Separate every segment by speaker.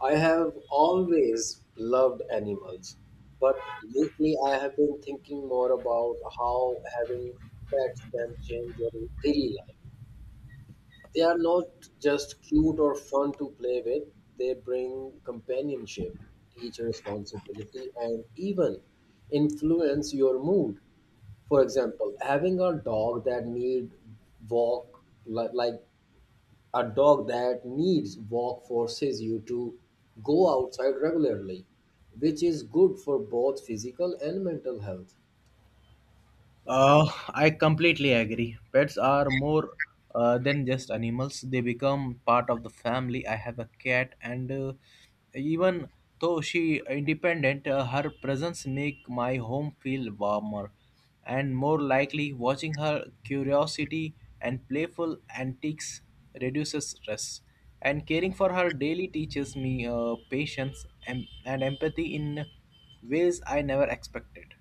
Speaker 1: I have always loved animals, but lately I have been thinking more about how having pets can change your daily life. They are not just cute or fun to play with, they bring companionship, teach responsibility, and even influence your mood. For example, having a dog that need walk li- like a dog that needs walk forces you to go outside regularly, which is good for both physical and mental health.
Speaker 2: Uh, I completely agree. Pets are more than just animals, they become part of the family. I have a cat, and even though she independent, her presence make my home feel warmer and more likely. Watching her curiosity and playful antics reduces stress, and caring for her daily teaches me patience and empathy in ways I never expected.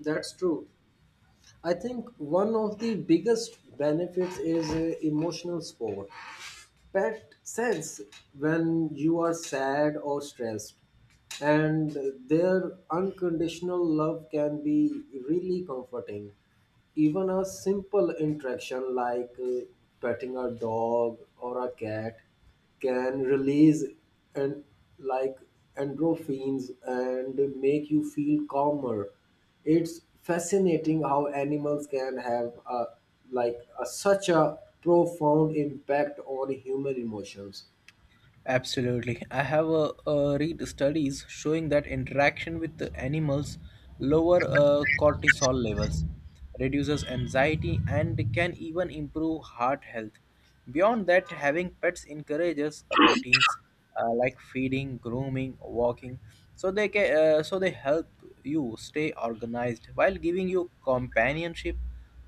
Speaker 1: That's true. I think one of the biggest benefits is emotional support. Pet sense when you are sad or stressed and their unconditional love can be really comforting, even a simple interaction like petting a dog or a cat can release and like endorphins and make you feel calmer. It's fascinating how animals can have a, like a, such a profound impact on human emotions.
Speaker 2: Absolutely. I have read studies showing that interaction with the animals lower cortisol levels, reduces anxiety, and can even improve heart health. Beyond that, having pets encourages routines like feeding, grooming, walking, so they help you stay organized while giving you companionship.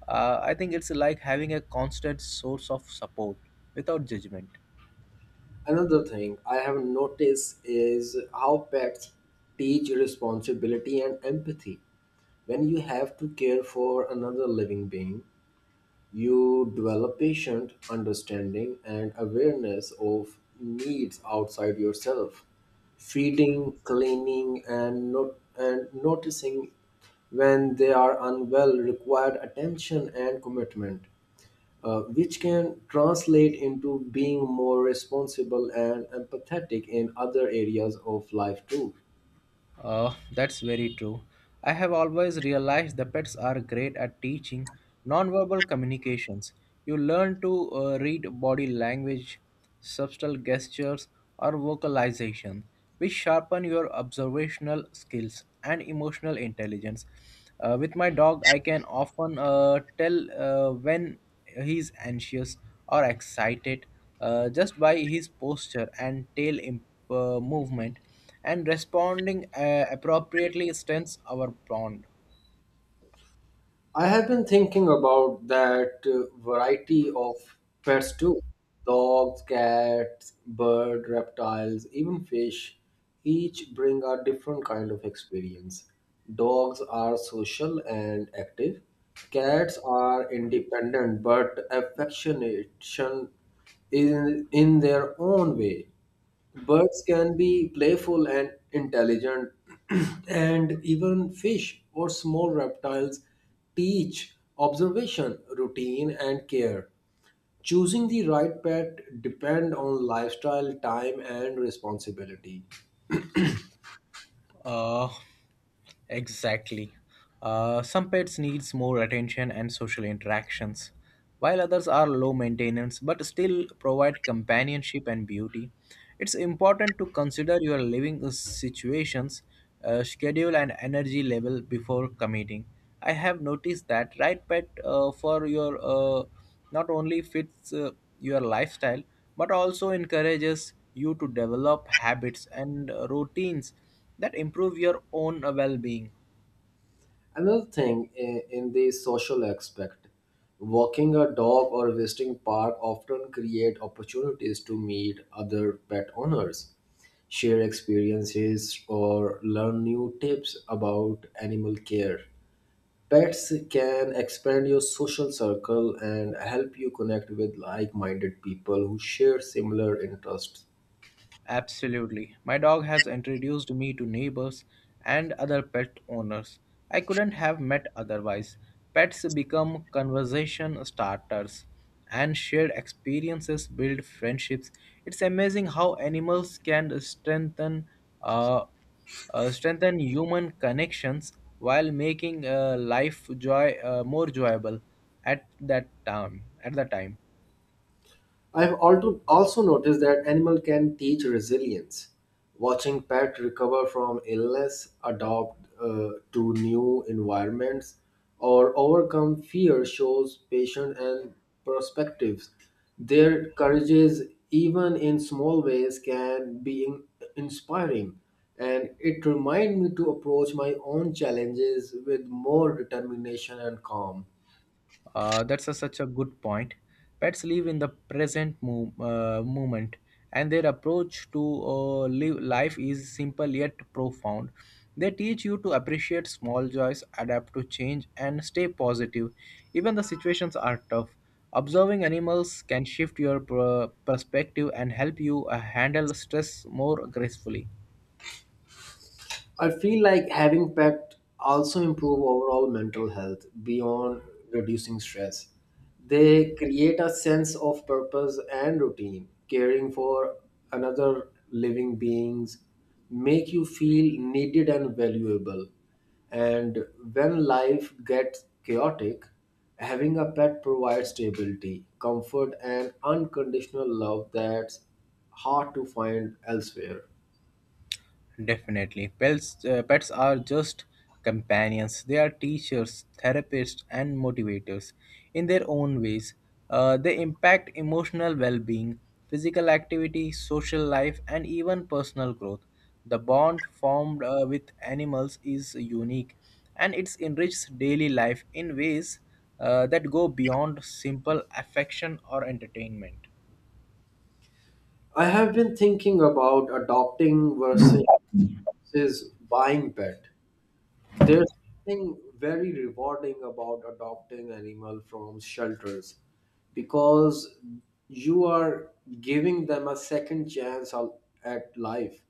Speaker 2: I think it's like having a constant source of support without judgment.
Speaker 1: Another thing I have noticed is how pets teach responsibility and empathy. When you have to care for another living being, you develop patient understanding and awareness of needs outside yourself. Feeding, cleaning, and not and noticing when they are unwell required attention and commitment, which can translate into being more responsible and empathetic in other areas of life too.
Speaker 2: That's very true. I have always realized the pets are great at teaching nonverbal communications. You learn to read body language, subtle gestures, or vocalization, which sharpen your observational skills and emotional intelligence. With my dog, I can often tell when he's anxious or excited, just by his posture and tail movement, and responding appropriately strengthens our bond.
Speaker 1: I have been thinking about that variety of pets too: dogs, cats, bird, reptiles, even fish. Each bring a different kind of experience. Dogs are social and active. Cats are independent but affectionate in their own way. Birds can be playful and intelligent, and even fish or small reptiles teach observation, routine, and care. Choosing the right pet depend on lifestyle, time, and responsibility.
Speaker 2: Uh, exactly. Some pets needs more attention and social interactions, while others are low maintenance but still provide companionship and beauty. It's important to consider your living situations, schedule, and energy level before committing. I have noticed that right pet for your not only fits your lifestyle but also encourages you to develop habits and routines that improve your own well-being.
Speaker 1: Another thing in the social aspect, walking a dog or visiting park often create opportunities to meet other pet owners, share experiences, or learn new tips about animal care. Pets can expand your social circle and help you connect with like-minded people who share similar interests.
Speaker 2: Absolutely, my dog has introduced me to neighbors and other pet owners I couldn't have met otherwise. Pets become conversation starters and shared experiences build friendships. It's amazing how animals can uh, strengthen human connections while making life joy more enjoyable at the time.
Speaker 1: I've also noticed that animals can teach resilience. Watching pets recover from illness, adopt to new environments, or overcome fear shows patience and perspectives. Their courages, even in small ways, can be inspiring, and it reminds me to approach my own challenges with more determination and calm.
Speaker 2: That's such a good point. Pets live in the present moment, and their approach to live life is simple yet profound. They teach you to appreciate small joys, adapt to change, and stay positive, even the situations are tough. Observing animals can shift your perspective and help you handle stress more gracefully.
Speaker 1: I feel like having pet also improve overall mental health beyond reducing stress. They create a sense of purpose and routine. Caring for another living beings make you feel needed and valuable. And when life gets chaotic, having a pet provides stability, comfort and unconditional love that's hard to find elsewhere.
Speaker 2: Definitely. Pets are just companions. They are teachers, therapists, and motivators in their own ways. They impact emotional well being, physical activity, social life, and even personal growth. The bond formed with animals is unique, and it enriches daily life in ways that go beyond simple affection or entertainment.
Speaker 1: I have been thinking about adopting versus buying pet. There's something very rewarding about adopting animal from shelters because you are giving them a second chance at life.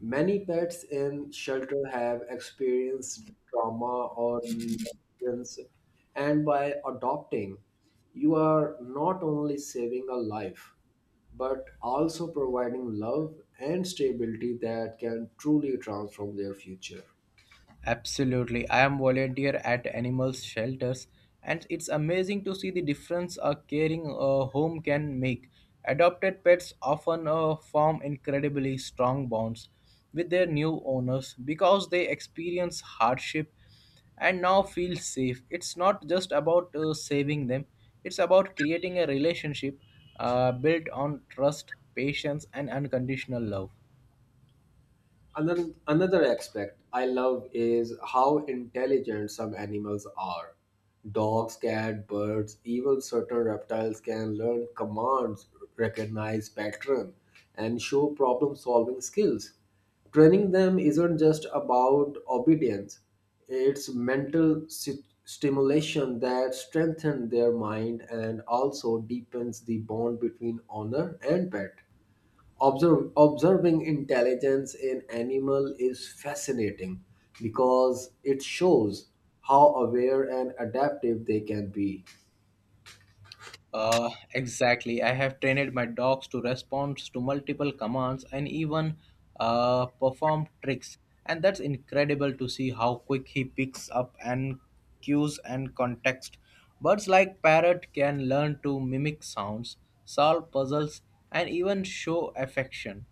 Speaker 1: Many pets in shelter have experienced trauma or negligence, and by adopting, you are not only saving a life but also providing love and stability that can truly transform their future.
Speaker 2: Absolutely. I am volunteer at animal shelters, and it's amazing to see the difference a caring home can make. Adopted pets often form incredibly strong bonds with their new owners because they experience hardship and now feel safe. It's not just about saving them, it's about creating a relationship built on trust, patience, and unconditional love.
Speaker 1: Another aspect I love is how intelligent some animals are. Dogs, cats, birds, even certain reptiles can learn commands, recognize patterns, and show problem solving skills. Training them isn't just about obedience, it's mental stimulation that strengthens their mind and also deepens the bond between owner and pet. Observing intelligence in animal is fascinating because it shows how aware and adaptive they can be.
Speaker 2: Exactly. I have trained my dogs to respond to multiple commands and even perform tricks. And that's incredible to see how quick he picks up and cues and context. Birds like parrot can learn to mimic sounds, solve puzzles, and even show affection.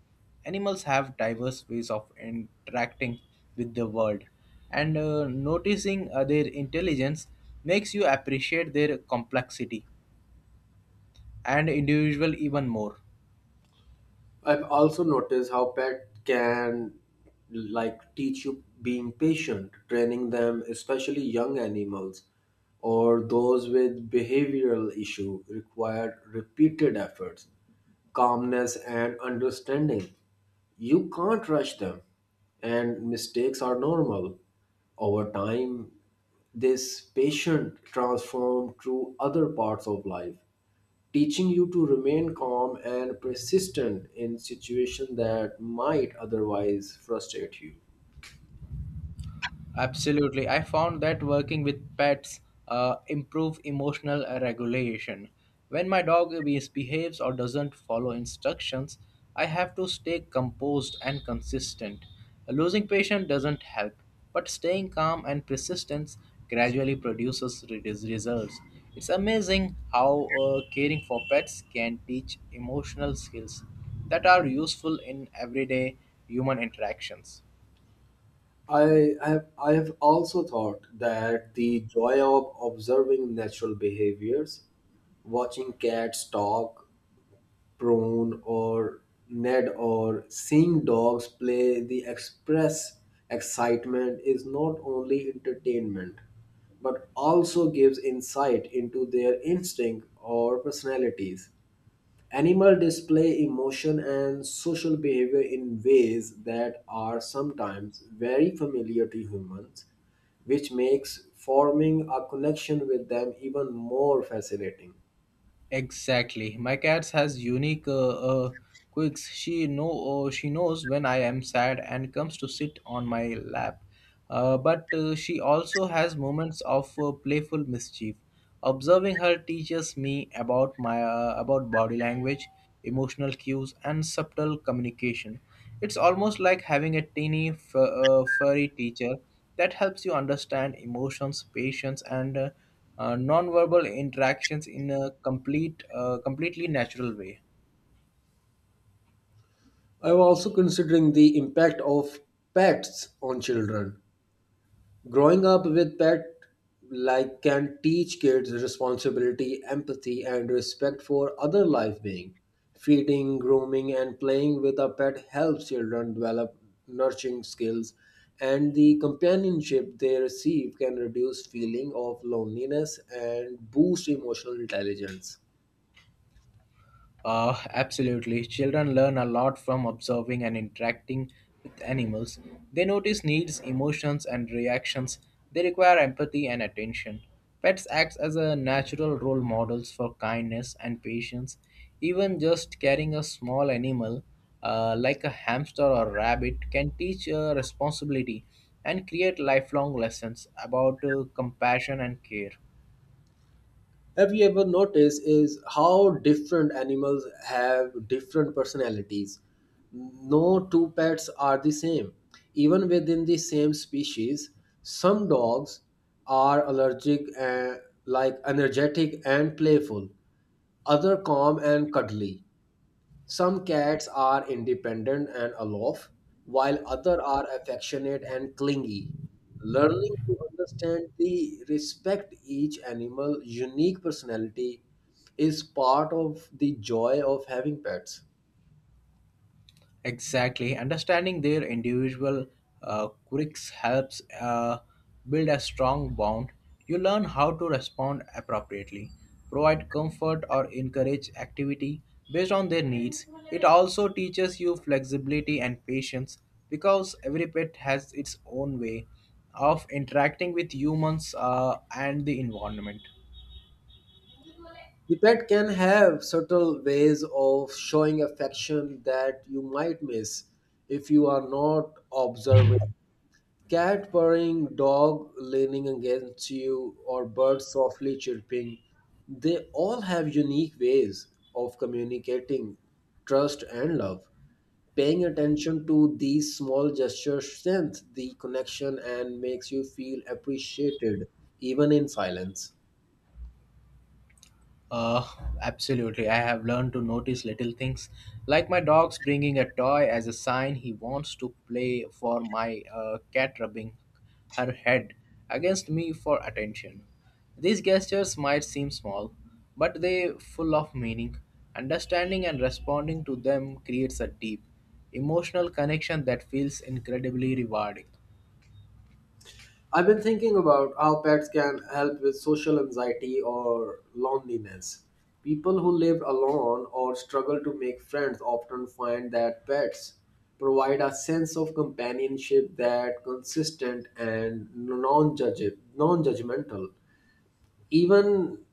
Speaker 2: Animals have diverse ways of interacting with the world, and noticing their intelligence makes you appreciate their complexity and individual even more.
Speaker 1: I've also noticed how pet can teach you being patient, training them, especially young animals or those with behavioral issue required repeated efforts, calmness and understanding. You can't rush them and mistakes are normal. Over time, this patient transform to other parts of life, teaching you to remain calm and persistent in situations that might otherwise frustrate you.
Speaker 2: Absolutely, I found that working with pets improve emotional regulation. When my dog misbehaves or doesn't follow instructions, I have to stay composed and consistent. Losing patience doesn't help, but staying calm and persistence gradually produces results. It's amazing how caring for pets can teach emotional skills that are useful in everyday human interactions.
Speaker 1: I have also thought that the joy of observing natural behaviors, watching cats talk, prone or ned, or seeing dogs play the express excitement is not only entertainment but also gives insight into their instinct or personalities. Animal display emotion and social behavior in ways that are sometimes very familiar to humans, which makes forming a connection with them even more fascinating.
Speaker 2: Exactly. My cat has unique quirks. She knows when I am sad and comes to sit on my lap. But she also has moments of playful mischief. Observing her teaches me about body language, emotional cues, and subtle communication. It's almost like having a furry teacher that helps you understand emotions, patience, and nonverbal interactions in a completely natural way.
Speaker 1: I'm also considering the impact of pets on children. Growing up with pet can teach kids responsibility, empathy and respect for other life being. Feeding, grooming and playing with a pet helps children develop nurturing skills, and the companionship they receive can reduce feeling of loneliness and boost emotional intelligence.
Speaker 2: Absolutely. Children learn a lot from observing and interacting with animals. They notice needs, emotions, and reactions. They require empathy and attention. Pets act as a natural role models for kindness and patience. Even just carrying a small animal, like a hamster or rabbit, can teach responsibility and create lifelong lessons about compassion and care.
Speaker 1: Have you ever noticed is how different animals have different personalities? No two pets are the same. Even within the same species, some dogs are allergic and energetic and playful, other calm and cuddly. Some cats are independent and aloof, while others are affectionate and clingy. Learning to understand the respect each animal unique personality is part of the joy of having pets.
Speaker 2: Exactly. Understanding their individual quirks helps build a strong bond. You learn how to respond appropriately, provide comfort, or encourage activity based on their needs. It also teaches you flexibility and patience, because every pet has its own way of interacting with humans and the environment.
Speaker 1: The pet can have subtle ways of showing affection that you might miss if you are not observing. Cat purring, dog leaning against you, or birds softly chirping, they all have unique ways of communicating trust and love. Paying attention to these small gestures strengthens the connection and makes you feel appreciated even in silence.
Speaker 2: Uh, absolutely. I have learned to notice little things, like my dog's bringing a toy as a sign he wants to play, for my cat rubbing her head against me for attention. These gestures might seem small, but they full of meaning. Understanding and responding to them creates a deep, emotional connection that feels incredibly rewarding.
Speaker 1: I've been thinking about how pets can help with social anxiety or loneliness. People who live alone or struggle to make friends often find that pets provide a sense of companionship that consistent and non-judgmental. Even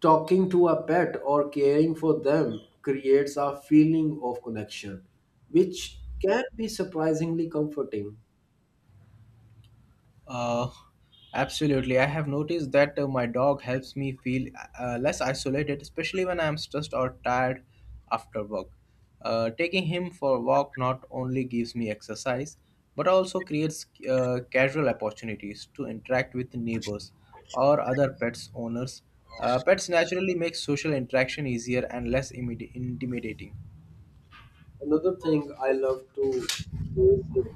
Speaker 1: talking to a pet or caring for them creates a feeling of connection, which can be surprisingly comforting.
Speaker 2: Uh, absolutely. I have noticed that my dog helps me feel less isolated, especially when I am stressed or tired after work. Taking him for a walk not only gives me exercise, but also creates casual opportunities to interact with neighbors or other pets owners. Pets naturally make social interaction easier and less intimidating.
Speaker 1: Another thing I love to do is,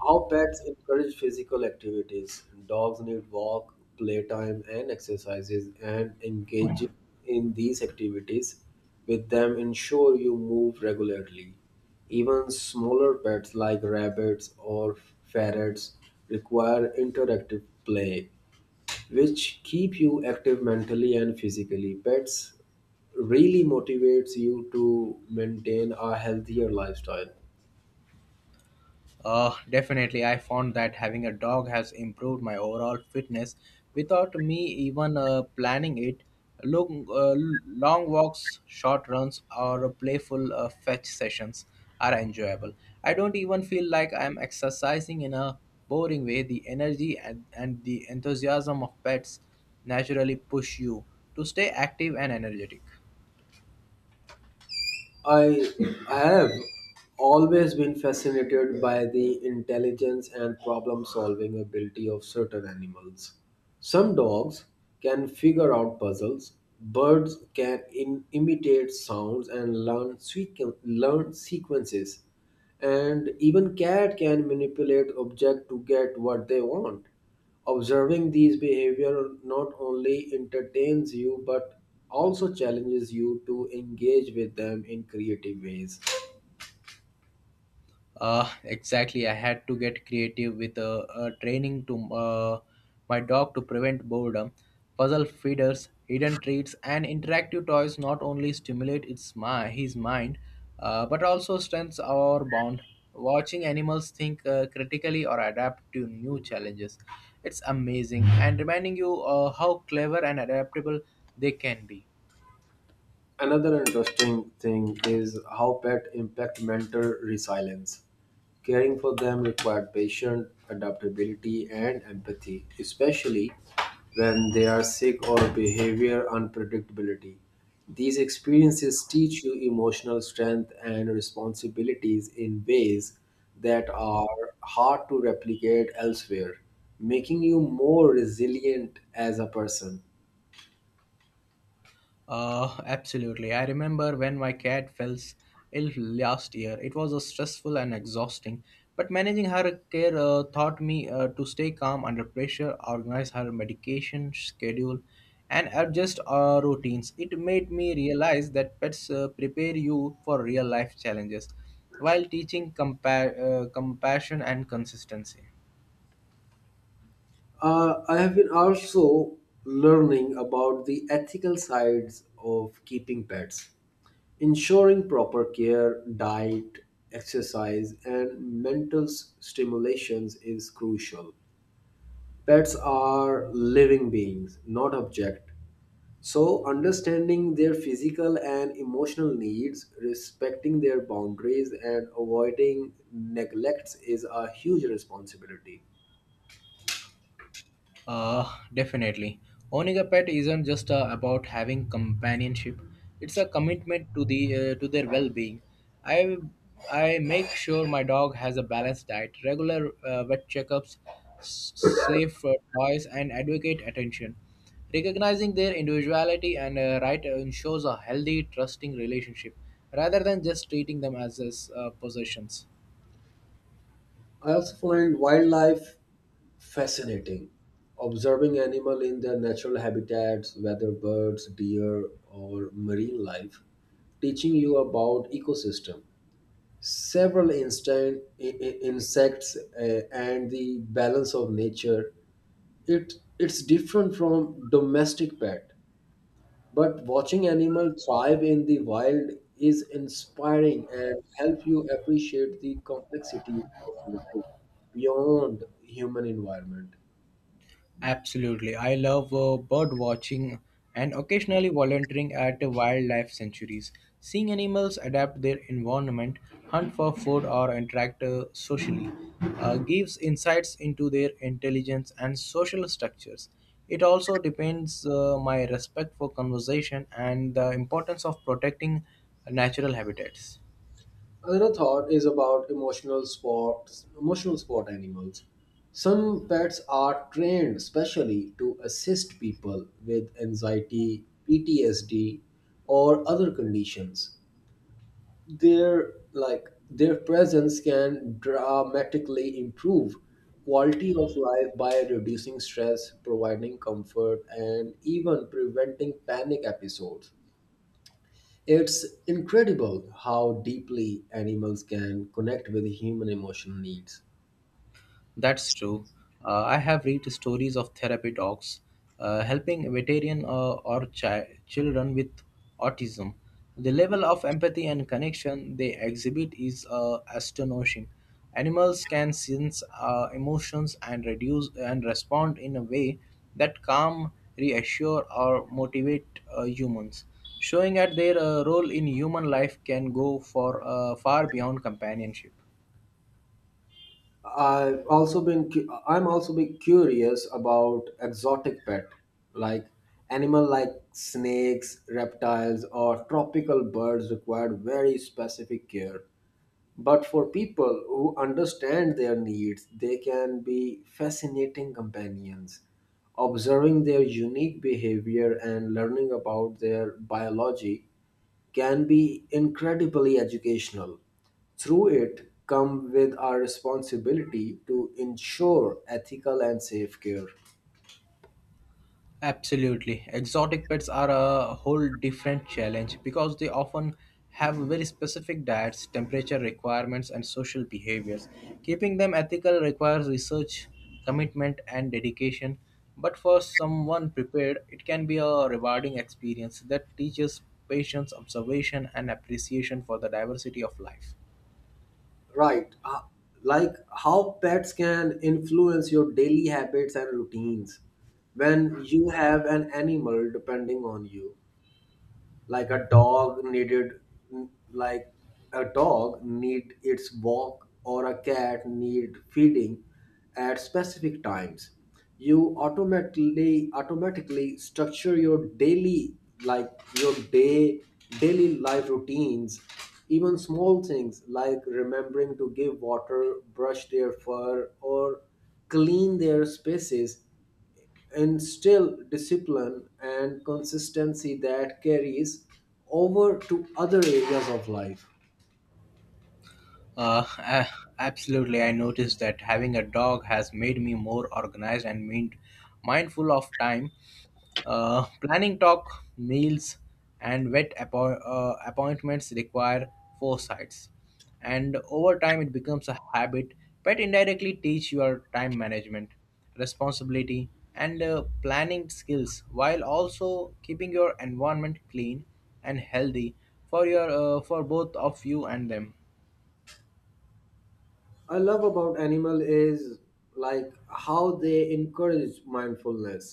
Speaker 1: how pets encourage physical activities. Dogs need walk, playtime, and exercises, and engaging in these activities with them ensure you move regularly. Even smaller pets like rabbits or ferrets require interactive play, which keep you active mentally and physically. Pets really motivates you to maintain a healthier lifestyle.
Speaker 2: Definitely, I found that having a dog has improved my overall fitness without me even planning it. Long, uh, long walks, short runs, or playful fetch sessions are enjoyable. I don't even feel like I'm exercising in a boring way. The energy and the enthusiasm of pets naturally push you to stay active and energetic.
Speaker 1: I have always been fascinated by the intelligence and problem solving ability of certain animals. Some dogs can figure out puzzles, birds can imitate sounds and learn, learn sequences, and even cat can manipulate object to get what they want. Observing these behavior not only entertains you but also challenges you to engage with them in creative ways.
Speaker 2: Exactly. I had to get creative with training to my dog to prevent boredom. Puzzle feeders, hidden treats, and interactive toys not only stimulate his mind, but also strengthens our bond. Watching animals think critically or adapt to new challenges, it's amazing and reminding you how clever and adaptable they can be.
Speaker 1: Another interesting thing is how pets impact mental resilience. Caring for them required patience, adaptability, and empathy, especially when they are sick or behavior unpredictability. These experiences teach you emotional strength and responsibilities in ways that are hard to replicate elsewhere, making you more resilient as a person.
Speaker 2: Absolutely. I remember when my cat fell ill last year. It was stressful and exhausting, but managing her care taught me to stay calm under pressure, organize her medication schedule, and adjust our routines. It made me realize that pets prepare you for real life challenges while teaching compassion and consistency.
Speaker 1: I have been also learning about the ethical sides of keeping pets. Ensuring proper care, diet, exercise, and mental stimulations is crucial. Pets are living beings, not objects. So, understanding their physical and emotional needs, respecting their boundaries, and avoiding neglects is a huge responsibility.
Speaker 2: Definitely. Owning a pet isn't just about having companionship. It's a commitment to the to their well-being. I I make sure my dog has a balanced diet, regular vet checkups, safe toys, and advocate attention. Recognizing their individuality and right ensures a healthy, trusting relationship rather than just treating them as possessions.
Speaker 1: I also find wildlife fascinating. Observing animal in their natural habitats, whether birds, deer, or marine life, teaching you about ecosystem, several instant insects, and the balance of nature. It's different from domestic pet. But watching animals thrive in the wild is inspiring and help you appreciate the complexity of life beyond human environment.
Speaker 2: Absolutely. I love bird watching and occasionally volunteering at wildlife sanctuaries. Seeing animals adapt their environment, hunt for food, or interact socially gives insights into their intelligence and social structures. It also depends my respect for conservation and the importance of protecting natural habitats.
Speaker 1: Another thought is about emotional sports, emotional sport animals. Some pets are trained specially to assist people with anxiety, PTSD, or other conditions. Their their presence can dramatically improve quality of life by reducing stress, providing comfort, and even preventing panic episodes. It's incredible how deeply animals can connect with human emotional needs.
Speaker 2: That's true. I have read stories of therapy dogs helping veteran or children with autism. The level of empathy and connection they exhibit is astonishing. Animals can sense emotions and reduce and respond in a way that calm, reassure, or motivate humans, showing that their role in human life can go for far beyond companionship.
Speaker 1: I'm also been curious about exotic pet, like animal like snakes reptiles or tropical birds require very specific care. But for people who understand their needs, they can be fascinating companions. Observing their unique behavior and learning about their biology can be incredibly educational. Through it, come with our responsibility to ensure ethical and safe care.
Speaker 2: Absolutely. Exotic pets are a whole different challenge because they often have very specific diets, temperature requirements, and social behaviors. Keeping them ethical requires research, commitment, and dedication. But for someone prepared, it can be a rewarding experience that teaches patience, observation, and appreciation for the diversity of life.
Speaker 1: Right, how pets can influence your daily habits and routines. When you have an animal depending on you, like a dog needed like a dog need its walk or a cat need feeding at specific times, you automatically structure your daily like your day daily life routines. Even small things like remembering to give water, brush their fur or clean their spaces, and still discipline and consistency that carries over to other areas of life.
Speaker 2: Uh, a- absolutely. I noticed that having a dog has made me more organized and mindful of time. Planning talk, meals, and vet appointments require foresights, and over time it becomes a habit. Pet indirectly teach your time management, responsibility, and planning skills, while also keeping your environment clean and healthy for your for both of you and them.
Speaker 1: I love about animal is how they encourage mindfulness,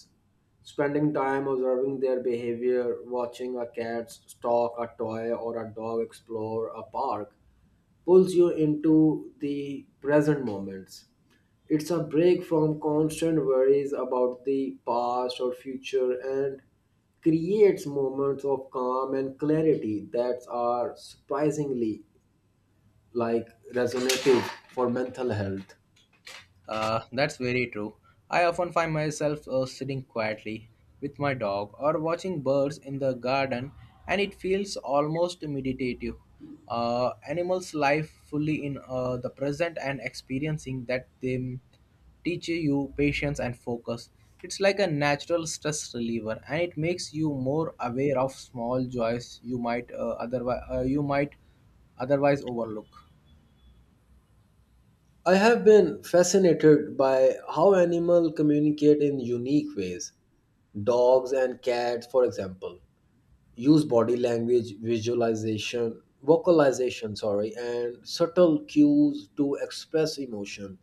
Speaker 1: spending time observing their behavior, watching a cat stalk a toy or a dog explore a park pulls you into the present moments. It's a break from constant worries about the past or future and creates moments of calm and clarity that are surprisingly like resonative for mental health.
Speaker 2: That's very true. I often find myself sitting quietly with my dog or watching birds in the garden, and it feels almost meditative. Animals live fully in the present, and experiencing that they teach you patience and focus. It's like a natural stress reliever, and it makes you more aware of small joys you might otherwise you might otherwise overlook.
Speaker 1: I have been fascinated by how animals communicate in unique ways. Dogs and cats, for example, use body language, visualization, vocalization, sorry, and subtle cues to express emotion,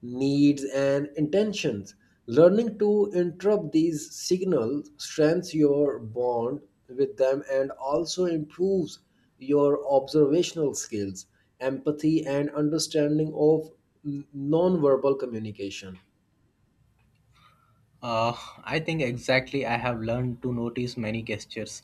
Speaker 1: needs, and intentions. Learning to interrupt these signals strengthens your bond with them and also improves your observational skills, empathy, and understanding of nonverbal communication.
Speaker 2: Uh, I think exactly I have learned to notice many gestures,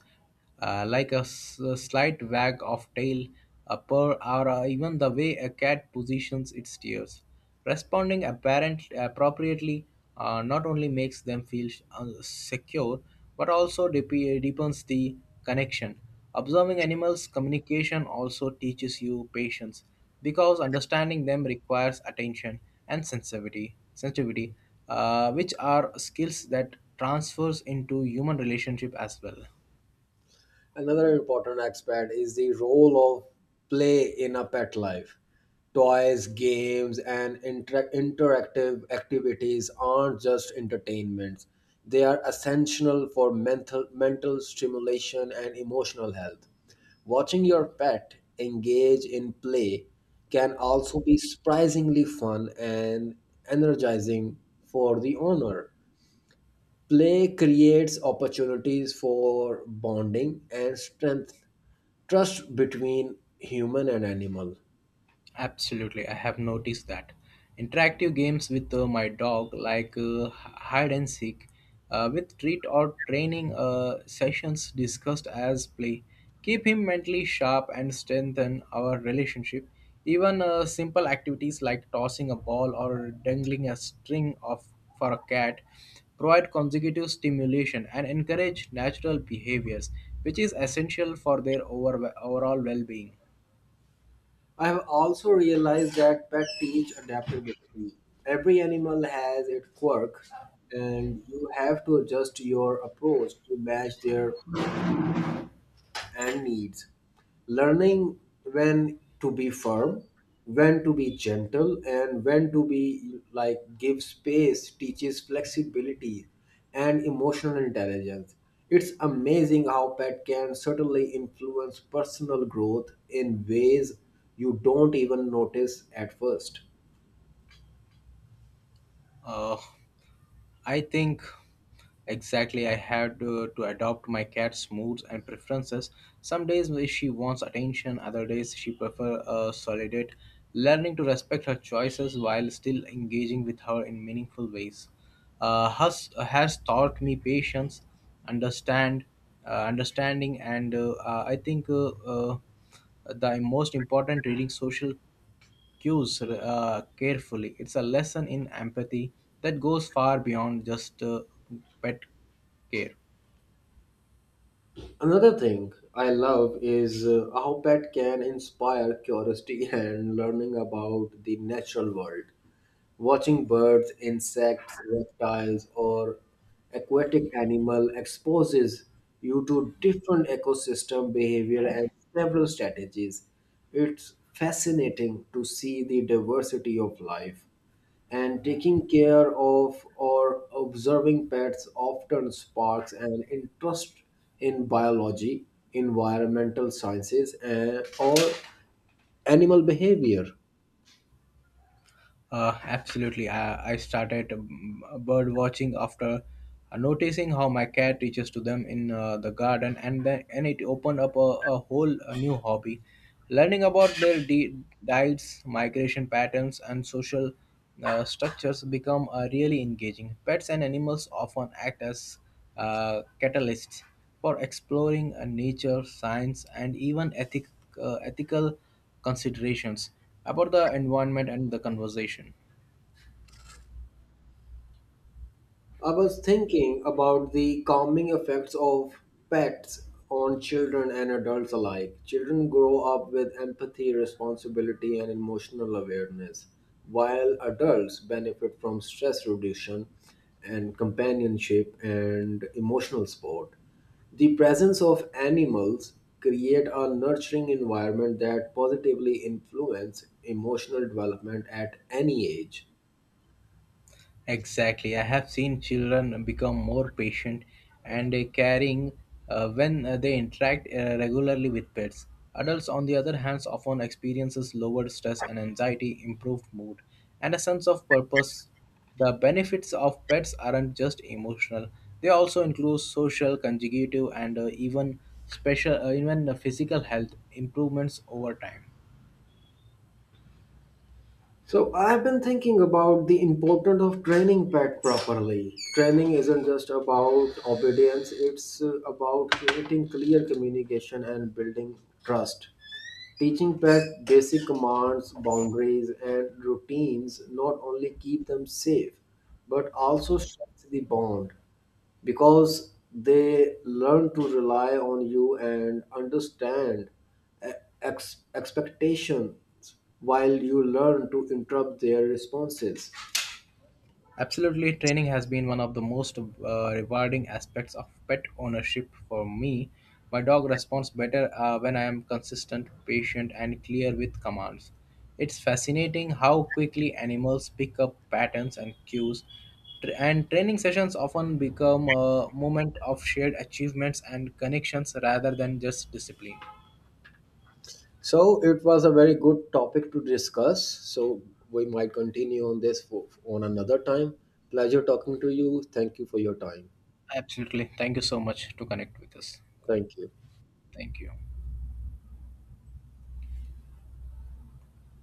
Speaker 2: like a slight wag of tail, a purr, or even the way a cat positions its ears. Responding appropriately not only makes them feel secure, but also deepens the connection. Observing animals' communication also teaches you patience because understanding them requires attention and sensitivity, which are skills that transfers into human relationship as well.
Speaker 1: Another important aspect is the role of play in a pet life. Toys, games, and interactive activities aren't just entertainments. They are essential for mental stimulation and emotional health. Watching your pet engage in play can also be surprisingly fun and energizing for the owner. Play creates opportunities for bonding and strength, trust between human and animal.
Speaker 2: Absolutely, I have noticed that. Interactive games with my dog, like hide and seek, with treat or training sessions discussed as play, keep him mentally sharp and strengthen our relationship. Even simple activities like tossing a ball or dangling a string of for a cat provide consecutive stimulation and encourage natural behaviors, which is essential for their overall well-being.
Speaker 1: I have also realized that pets teach adaptability. Every animal has its quirks, and you have to adjust your approach to match their and needs. Learning when to be firm, when to be gentle, and when to be like give space teaches flexibility and emotional intelligence. It's amazing how pet can certainly influence personal growth in ways you don't even notice at first.
Speaker 2: Uh, I think exactly I had to adopt my cat's moods and preferences. Some days she wants attention, other days she prefers a solitude. Learning to respect her choices while still engaging with her in meaningful ways has taught me patience, understand, understanding, and I think the most important reading social cues carefully. It's a lesson in empathy that goes far beyond just pet care.
Speaker 1: Another thing I love is how pet can inspire curiosity and learning about the natural world. Watching birds, insects, reptiles, or aquatic animal exposes you to different ecosystem behavior and several strategies. It's fascinating to see the diversity of life. And taking care of or observing pets often sparks an interest in biology, environmental sciences, and, or animal behavior.
Speaker 2: Absolutely. I started bird watching after noticing how my cat reaches to them in the garden, and then and it opened up a whole new hobby, learning about their diets, migration patterns, and social structures become really engaging. Pets and animals often act as catalysts for exploring nature, science, and even ethical considerations about the environment and the conversation.
Speaker 1: I was thinking about the calming effects of pets on children and adults alike. Children grow up with empathy, responsibility, and emotional awareness, while adults benefit from stress reduction and companionship and emotional support. The presence of animals create a nurturing environment that positively influence emotional development at any age.
Speaker 2: Exactly. I have seen children become more patient and caring when they interact regularly with pets. Adults, on the other hand, often experiences lower stress and anxiety, improved mood, and a sense of purpose. The benefits of pets aren't just emotional; they also include social, conjugative, and even physical health improvements over time.
Speaker 1: So I've been thinking about the importance of training pet properly. Training isn't just about obedience, it's about creating clear communication and building trust. Teaching pets basic commands, boundaries, and routines not only keep them safe, but also strengthens the bond because they learn to rely on you and understand e- expectations while you learn to interrupt their responses.
Speaker 2: Absolutely, training has been one of the most rewarding aspects of pet ownership for me. My dog responds better when I am consistent, patient, and clear with commands. It's fascinating how quickly animals pick up patterns and cues. And training sessions often become a moment of shared achievements and connections rather than just discipline.
Speaker 1: So it was a very good topic to discuss. So we might continue on this for, on another time. Pleasure talking to you. Thank you for your time.
Speaker 2: Absolutely. Thank you so much to connect with us. Connect.
Speaker 1: Thank you.
Speaker 2: Thank you.